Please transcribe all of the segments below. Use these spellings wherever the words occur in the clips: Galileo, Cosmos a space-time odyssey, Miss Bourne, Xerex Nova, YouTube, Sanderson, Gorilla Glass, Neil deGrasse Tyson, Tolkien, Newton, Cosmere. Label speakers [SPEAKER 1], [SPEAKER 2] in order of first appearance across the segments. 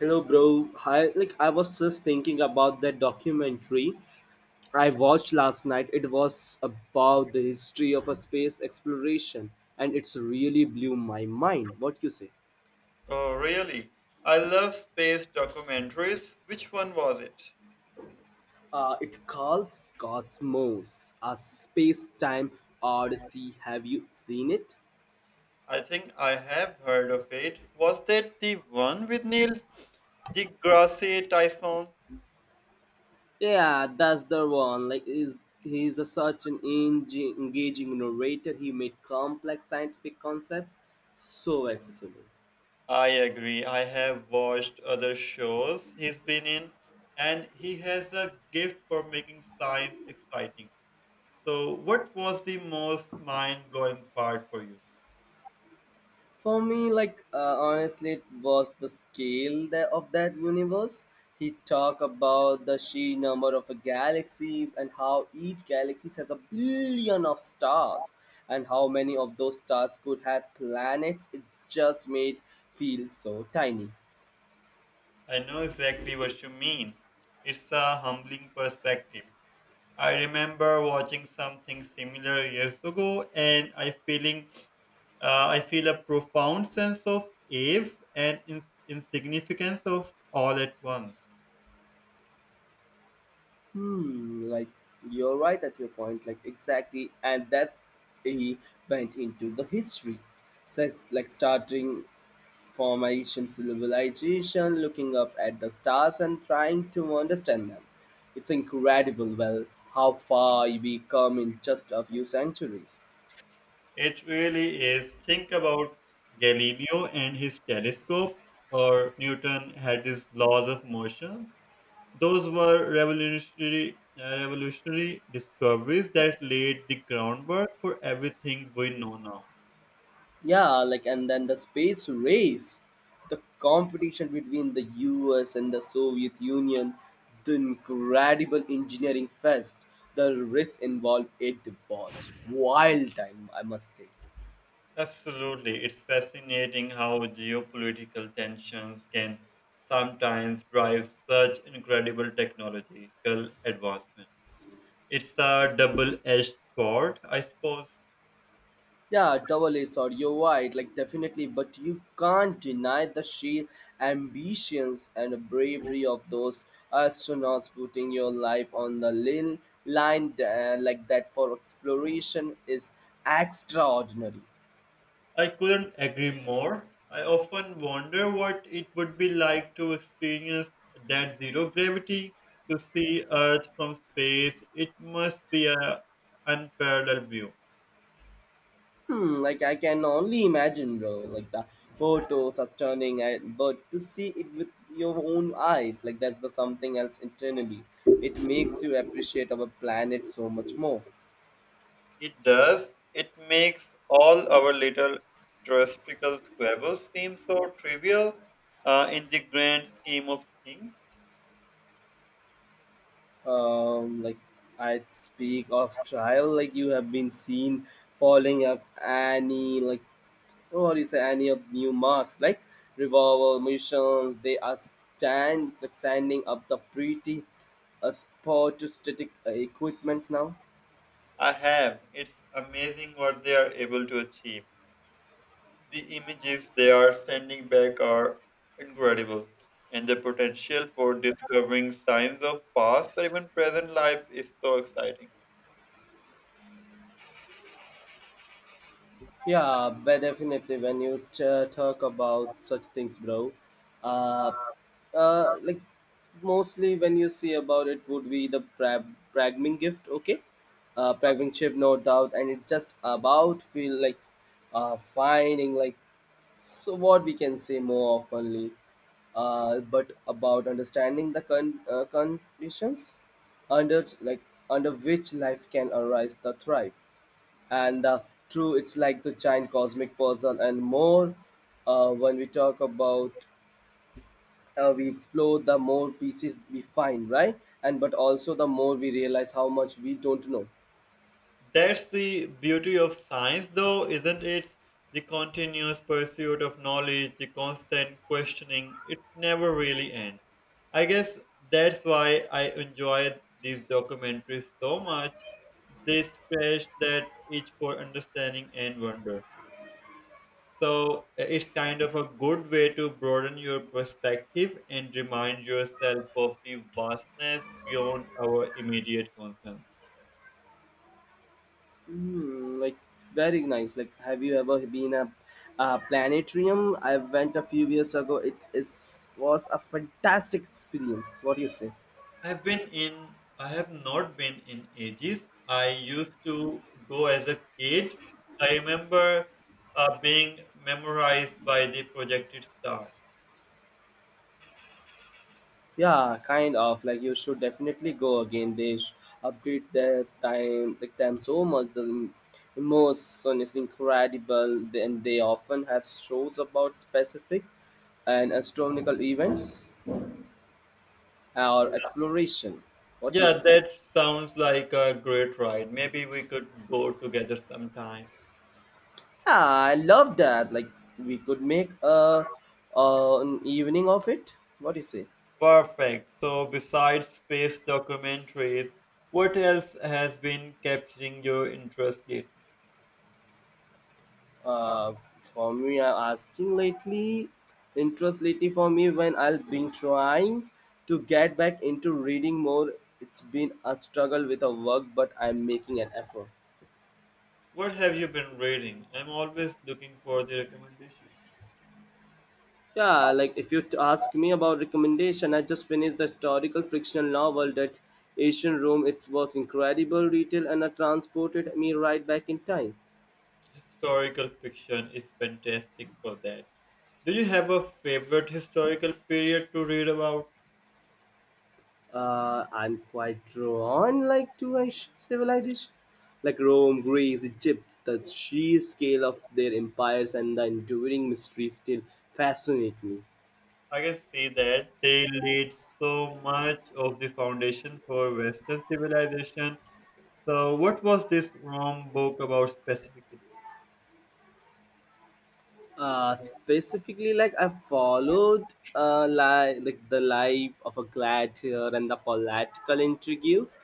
[SPEAKER 1] Hello, bro. Hi. Like I was just thinking about that documentary I watched last night. It was about the history of a space exploration, and it's really blew my mind. What you say?
[SPEAKER 2] Oh, really? I love space documentaries. Which one was it?
[SPEAKER 1] It calls Cosmos a space-time odyssey. Have you seen it?
[SPEAKER 2] I think I have heard of it. Was that the one with Neil deGrasse Tyson?
[SPEAKER 1] Yeah, that's the one. Like, is he's a, such an engaging narrator. He made complex scientific concepts so accessible.
[SPEAKER 2] I agree. I have watched other shows he's been in, and he has a gift for making science exciting. So, what was the most mind blowing part for you?
[SPEAKER 1] For me, like honestly, it was the scale that, of that universe. He talked about the sheer number of galaxies and how each galaxy has a billion of stars, and how many of those stars could have planets. It's just made feel so tiny.
[SPEAKER 2] I know exactly what you mean. It's a humbling perspective. I remember watching something similar years ago, and I feel a profound sense of awe and insignificance of all at once.
[SPEAKER 1] Hmm, like you're right at your point, like exactly, and that's he went into the history, Sex, like starting from civilization, looking up at the stars and trying to understand them. It's incredible, well, how far we come in just a few centuries.
[SPEAKER 2] It really is. Think about Galileo and his telescope, or Newton had his laws of motion. Those were revolutionary discoveries that laid the groundwork for everything we know now.
[SPEAKER 1] Yeah, like and then the space race, the competition between the US and the Soviet Union, the incredible engineering fest, the risk involved, it was wild time, I must say.
[SPEAKER 2] Absolutely. It's fascinating how geopolitical tensions can sometimes drive such incredible technological advancement. It's a double edged sword, I suppose.
[SPEAKER 1] Yeah, double a or you're right, like definitely, but you can't deny the sheer ambitions and bravery of those astronauts putting your life on the line like that for exploration is extraordinary.
[SPEAKER 2] I couldn't agree more. I often wonder what it would be like to experience that zero gravity, to see Earth from space. It must be a unparalleled view.
[SPEAKER 1] Hmm, like I can only imagine, bro. Like the photos are stunning, and but to see it with your own eyes, like that's the something else internally. It makes you appreciate our planet so much more.
[SPEAKER 2] It does. It makes all our little terrestrial squabbles seem so trivial in the grand scheme of things.
[SPEAKER 1] Like I speak of trial, like you have been seen falling of Annie, like what is Annie of New Mars, like revolver missions. They are stands like standing up the pretty, sport static equipments now.
[SPEAKER 2] I have. It's amazing what they are able to achieve. The images they are sending back are incredible, and the potential for discovering signs of past or even present life is so exciting.
[SPEAKER 1] Yeah, but definitely when you talk about such things, bro, uh, like mostly when you see about it would be the pragming gift, okay? Pragming chip, no doubt, and it's just about feel like finding like so what we can say more oftenly, but about understanding the conditions under like under which life can arise the thrive and true it's like the giant cosmic puzzle and more when we talk about we explore the more pieces we find, right, and but also the more we realize how much we don't know.
[SPEAKER 2] That's the beauty of science, though, isn't it? The continuous pursuit of knowledge, the constant questioning, it never really ends. I guess that's why I enjoy these documentaries so much. They stretch that itch for understanding and wonder. So it's kind of a good way to broaden your perspective and remind yourself of the vastness beyond our immediate concerns.
[SPEAKER 1] Mm, like very nice, like have you ever been a planetarium? I went a few years ago, it is was a fantastic experience. What do you say?
[SPEAKER 2] I have not been in ages. I used to go as a kid. I remember being memorized by the projected star.
[SPEAKER 1] Yeah, kind of like you should definitely go again. They update their time like time so much. The emotion is incredible, and they often have shows about specific and astronomical events or exploration. What do you
[SPEAKER 2] Yeah,
[SPEAKER 1] say?
[SPEAKER 2] that sounds like a great ride. Maybe we could go together sometime.
[SPEAKER 1] Yeah, I love that. Like we could make a an evening of it. What do you say?
[SPEAKER 2] Perfect. So, besides space documentaries, what else has been capturing your interest lately?
[SPEAKER 1] Uh, for me, I'm asking lately, interest lately for me when I've been trying to get back into reading more. It's been a struggle with a work, but I'm making an effort.
[SPEAKER 2] What have you been reading? I'm always looking for the recommendation.
[SPEAKER 1] Yeah, like if you ask me about recommendation, I just finished the historical fictional novel that Asian Room. It was incredible detail and it transported me right back in time.
[SPEAKER 2] Historical fiction is fantastic for that. Do you have a favorite historical period to read about?
[SPEAKER 1] I'm quite drawn like to ancient civilization, like Rome, Greece, Egypt. The sheer scale of their empires and the enduring mysteries still fascinate me.
[SPEAKER 2] I can see that they laid so much of the foundation for Western civilization. So, what was this Rome book about specifically?
[SPEAKER 1] Specifically, like I followed like the life of a gladiator and the political intrigues.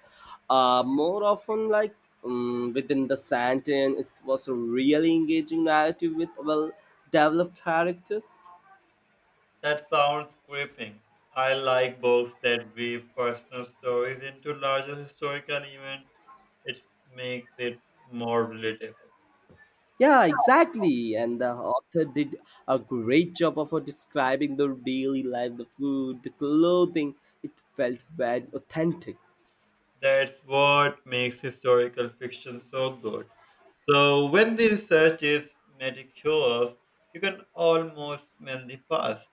[SPEAKER 1] More often, like within the Santin, it was a really engaging narrative with well developed characters.
[SPEAKER 2] That sounds gripping. I like books that weave personal stories into larger historical events. It makes it more relatable.
[SPEAKER 1] Yeah, exactly. And the author did a great job of describing the daily life, the food, the clothing. It felt very authentic.
[SPEAKER 2] That's what makes historical fiction so good. So when the research is meticulous, you can almost smell the past.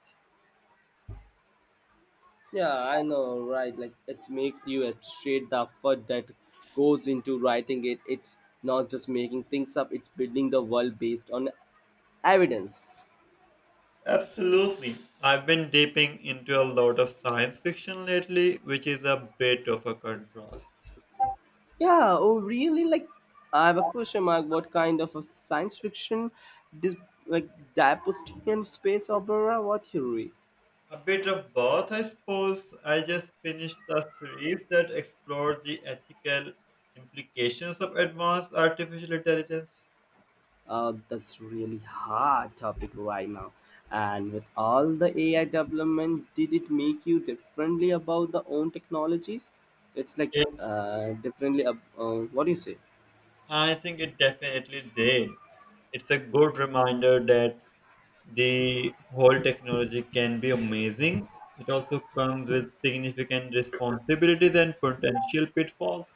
[SPEAKER 1] Yeah, I know, right? Like it makes you appreciate the effort that goes into writing it. It's not just making things up, it's building the world based on evidence.
[SPEAKER 2] Absolutely. I've been dipping into a lot of science fiction lately, which is a bit of a contrast.
[SPEAKER 1] Yeah, oh really? Like I have a question mark. What kind of a science fiction, dis- like dystopian space opera? What you read?
[SPEAKER 2] A bit of both, I suppose. I just finished a series that explored the ethical implications of advanced artificial intelligence.
[SPEAKER 1] That's really hard topic right now. And with all the AI development, did it make you differently about the own technologies? It's like
[SPEAKER 2] It,
[SPEAKER 1] differently. What do you say?
[SPEAKER 2] I think it definitely did. It's a good reminder that the whole technology can be amazing. It also comes with significant responsibilities and potential pitfalls.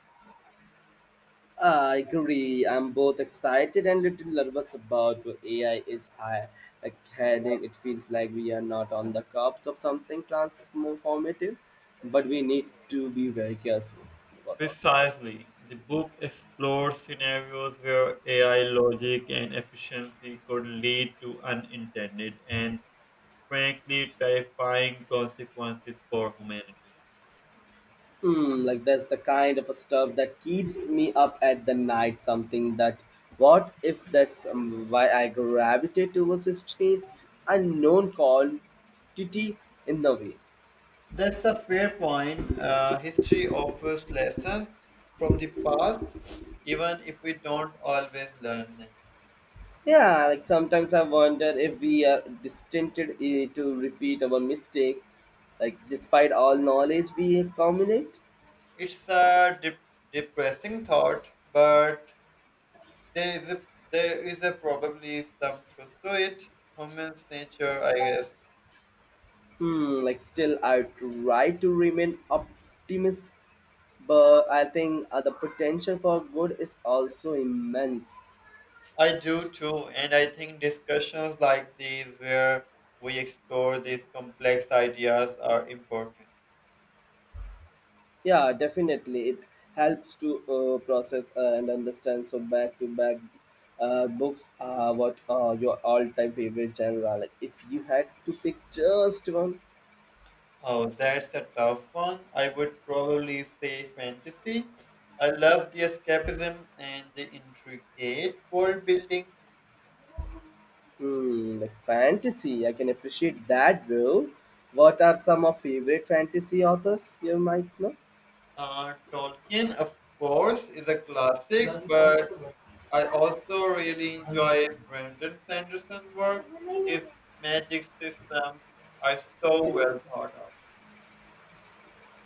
[SPEAKER 1] I agree. I'm both excited and little nervous about where AI is high. Like heading, it feels like we are not on the cusp of something transformative, but we need to be very careful.
[SPEAKER 2] Precisely. The book explores scenarios where AI logic and efficiency could lead to unintended and frankly terrifying consequences for humanity.
[SPEAKER 1] Hmm, like that's the kind of a stuff that keeps me up at the night. Something that, what if that's why I gravitate towards the streets? Unknown quantity in the way.
[SPEAKER 2] That's a fair point. History offers lessons from the past, even if we don't always learn them.
[SPEAKER 1] Yeah, like sometimes I wonder if we are destined to repeat our mistake, like despite all knowledge we accumulate.
[SPEAKER 2] It's a depressing thought, but there is a, there is a probably some truth to it. Human's nature, I guess.
[SPEAKER 1] Hmm, like still, I try to remain optimistic, but I think the potential for good is also immense.
[SPEAKER 2] I do too, and I think discussions like these, where we explore these complex ideas, are important.
[SPEAKER 1] Yeah, definitely, it helps to process and understand. So back to back, books are what are your all-time favorite genre? Like, if you had to pick just one,
[SPEAKER 2] Oh, that's a tough one. I would probably say fantasy. I love the escapism and the intricate world building.
[SPEAKER 1] hmm, like fantasy, I can appreciate that, bro. What are some of favorite fantasy authors you might know?
[SPEAKER 2] Tolkien, of course, is a classic, but I also really enjoy Brandon Sanderson's work. His magic systems are so
[SPEAKER 1] Hmm,
[SPEAKER 2] well thought out.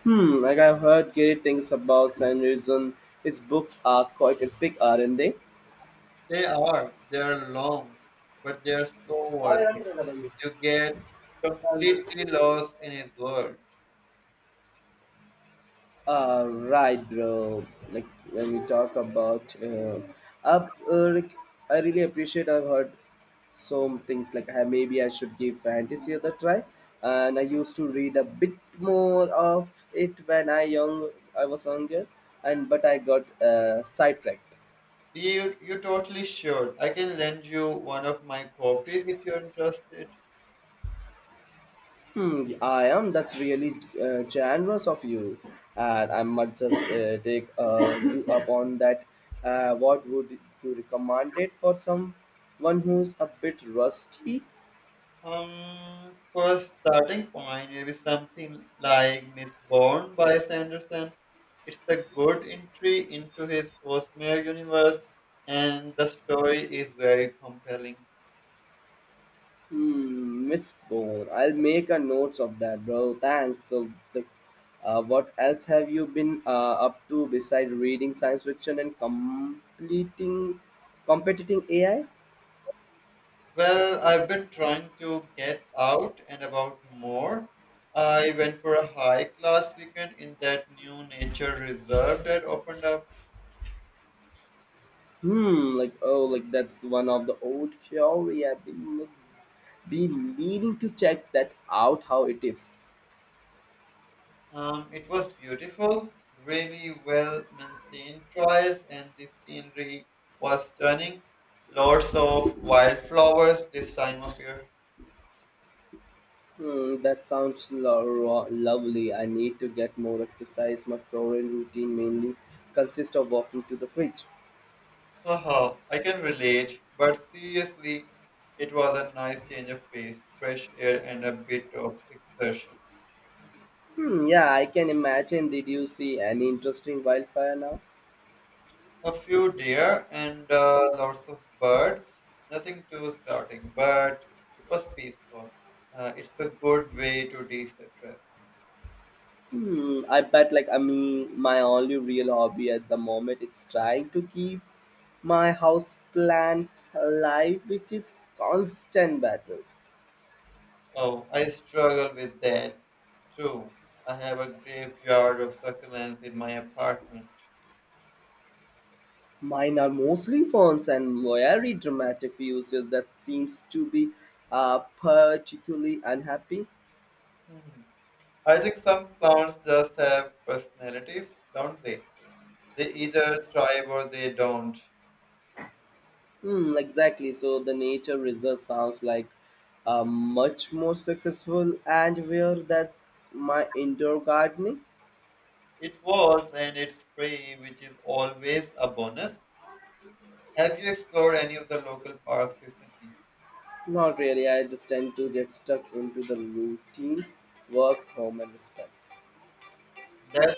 [SPEAKER 1] like I've heard great things about Sanderson. His books are quite epic, aren't they?
[SPEAKER 2] They are. They are long, but they are so worthy. You get completely lost in his world.
[SPEAKER 1] Right, bro. Like when we talk about like, I really appreciate. I've heard some things like maybe I should give fantasy a try. And I used to read a bit more of it when I young. I was younger, and but I got sidetracked.
[SPEAKER 2] You totally should. I can lend you one of my copies if you're interested.
[SPEAKER 1] Hmm, I am. That's really generous of you, and I must just take you up on that. What would you recommend it for someone who's a bit rusty?
[SPEAKER 2] For a starting point, maybe something like Miss Bourne by Sanderson. It's a good entry into his Cosmere universe, and the story is very compelling.
[SPEAKER 1] Hmm, Miss Bone. I'll make a notes of that, bro. Thanks. So, like, what else have you been up to besides reading science fiction and completing competing AI?
[SPEAKER 2] Well, I've been trying to get out and about more. I went for a hike last weekend in that new nature reserve that opened up.
[SPEAKER 1] Hmm, like oh, like that's one of the old theory I've been meaning to check that out how it is.
[SPEAKER 2] It was beautiful, really well maintained choice, and the scenery was stunning. Lots of wildflowers this time of year.
[SPEAKER 1] Hmm, that sounds lovely. I need to get more exercise. My current routine mainly consists of walking to the fridge.
[SPEAKER 2] Haha, I can relate, but seriously, it was a nice change of pace, fresh air, and a bit of exertion.
[SPEAKER 1] Hmm, yeah, I can imagine. Did you see any interesting wildfire now?
[SPEAKER 2] A few deer and lots of birds. Nothing too exotic, but it was peaceful. It's a good way to de-stress.
[SPEAKER 1] Hmm, I bet like I mean my only real hobby at the moment is trying to keep my house plants alive, which is constant battles.
[SPEAKER 2] Oh, I struggle with that too. I have a graveyard of succulents in my apartment.
[SPEAKER 1] Mine are mostly fonts and very dramatic users that seems to be particularly unhappy.
[SPEAKER 2] Hmm. I think some plants just have personalities, don't they? They either thrive or they don't.
[SPEAKER 1] Hmm, exactly. So the nature reserve sounds like much more successful and where that's my indoor gardening.
[SPEAKER 2] It was and it's free, which is always a bonus. Have you explored any of the local parks recently?
[SPEAKER 1] Not really. I just tend to get stuck into the routine, work, home, and respect.
[SPEAKER 2] That's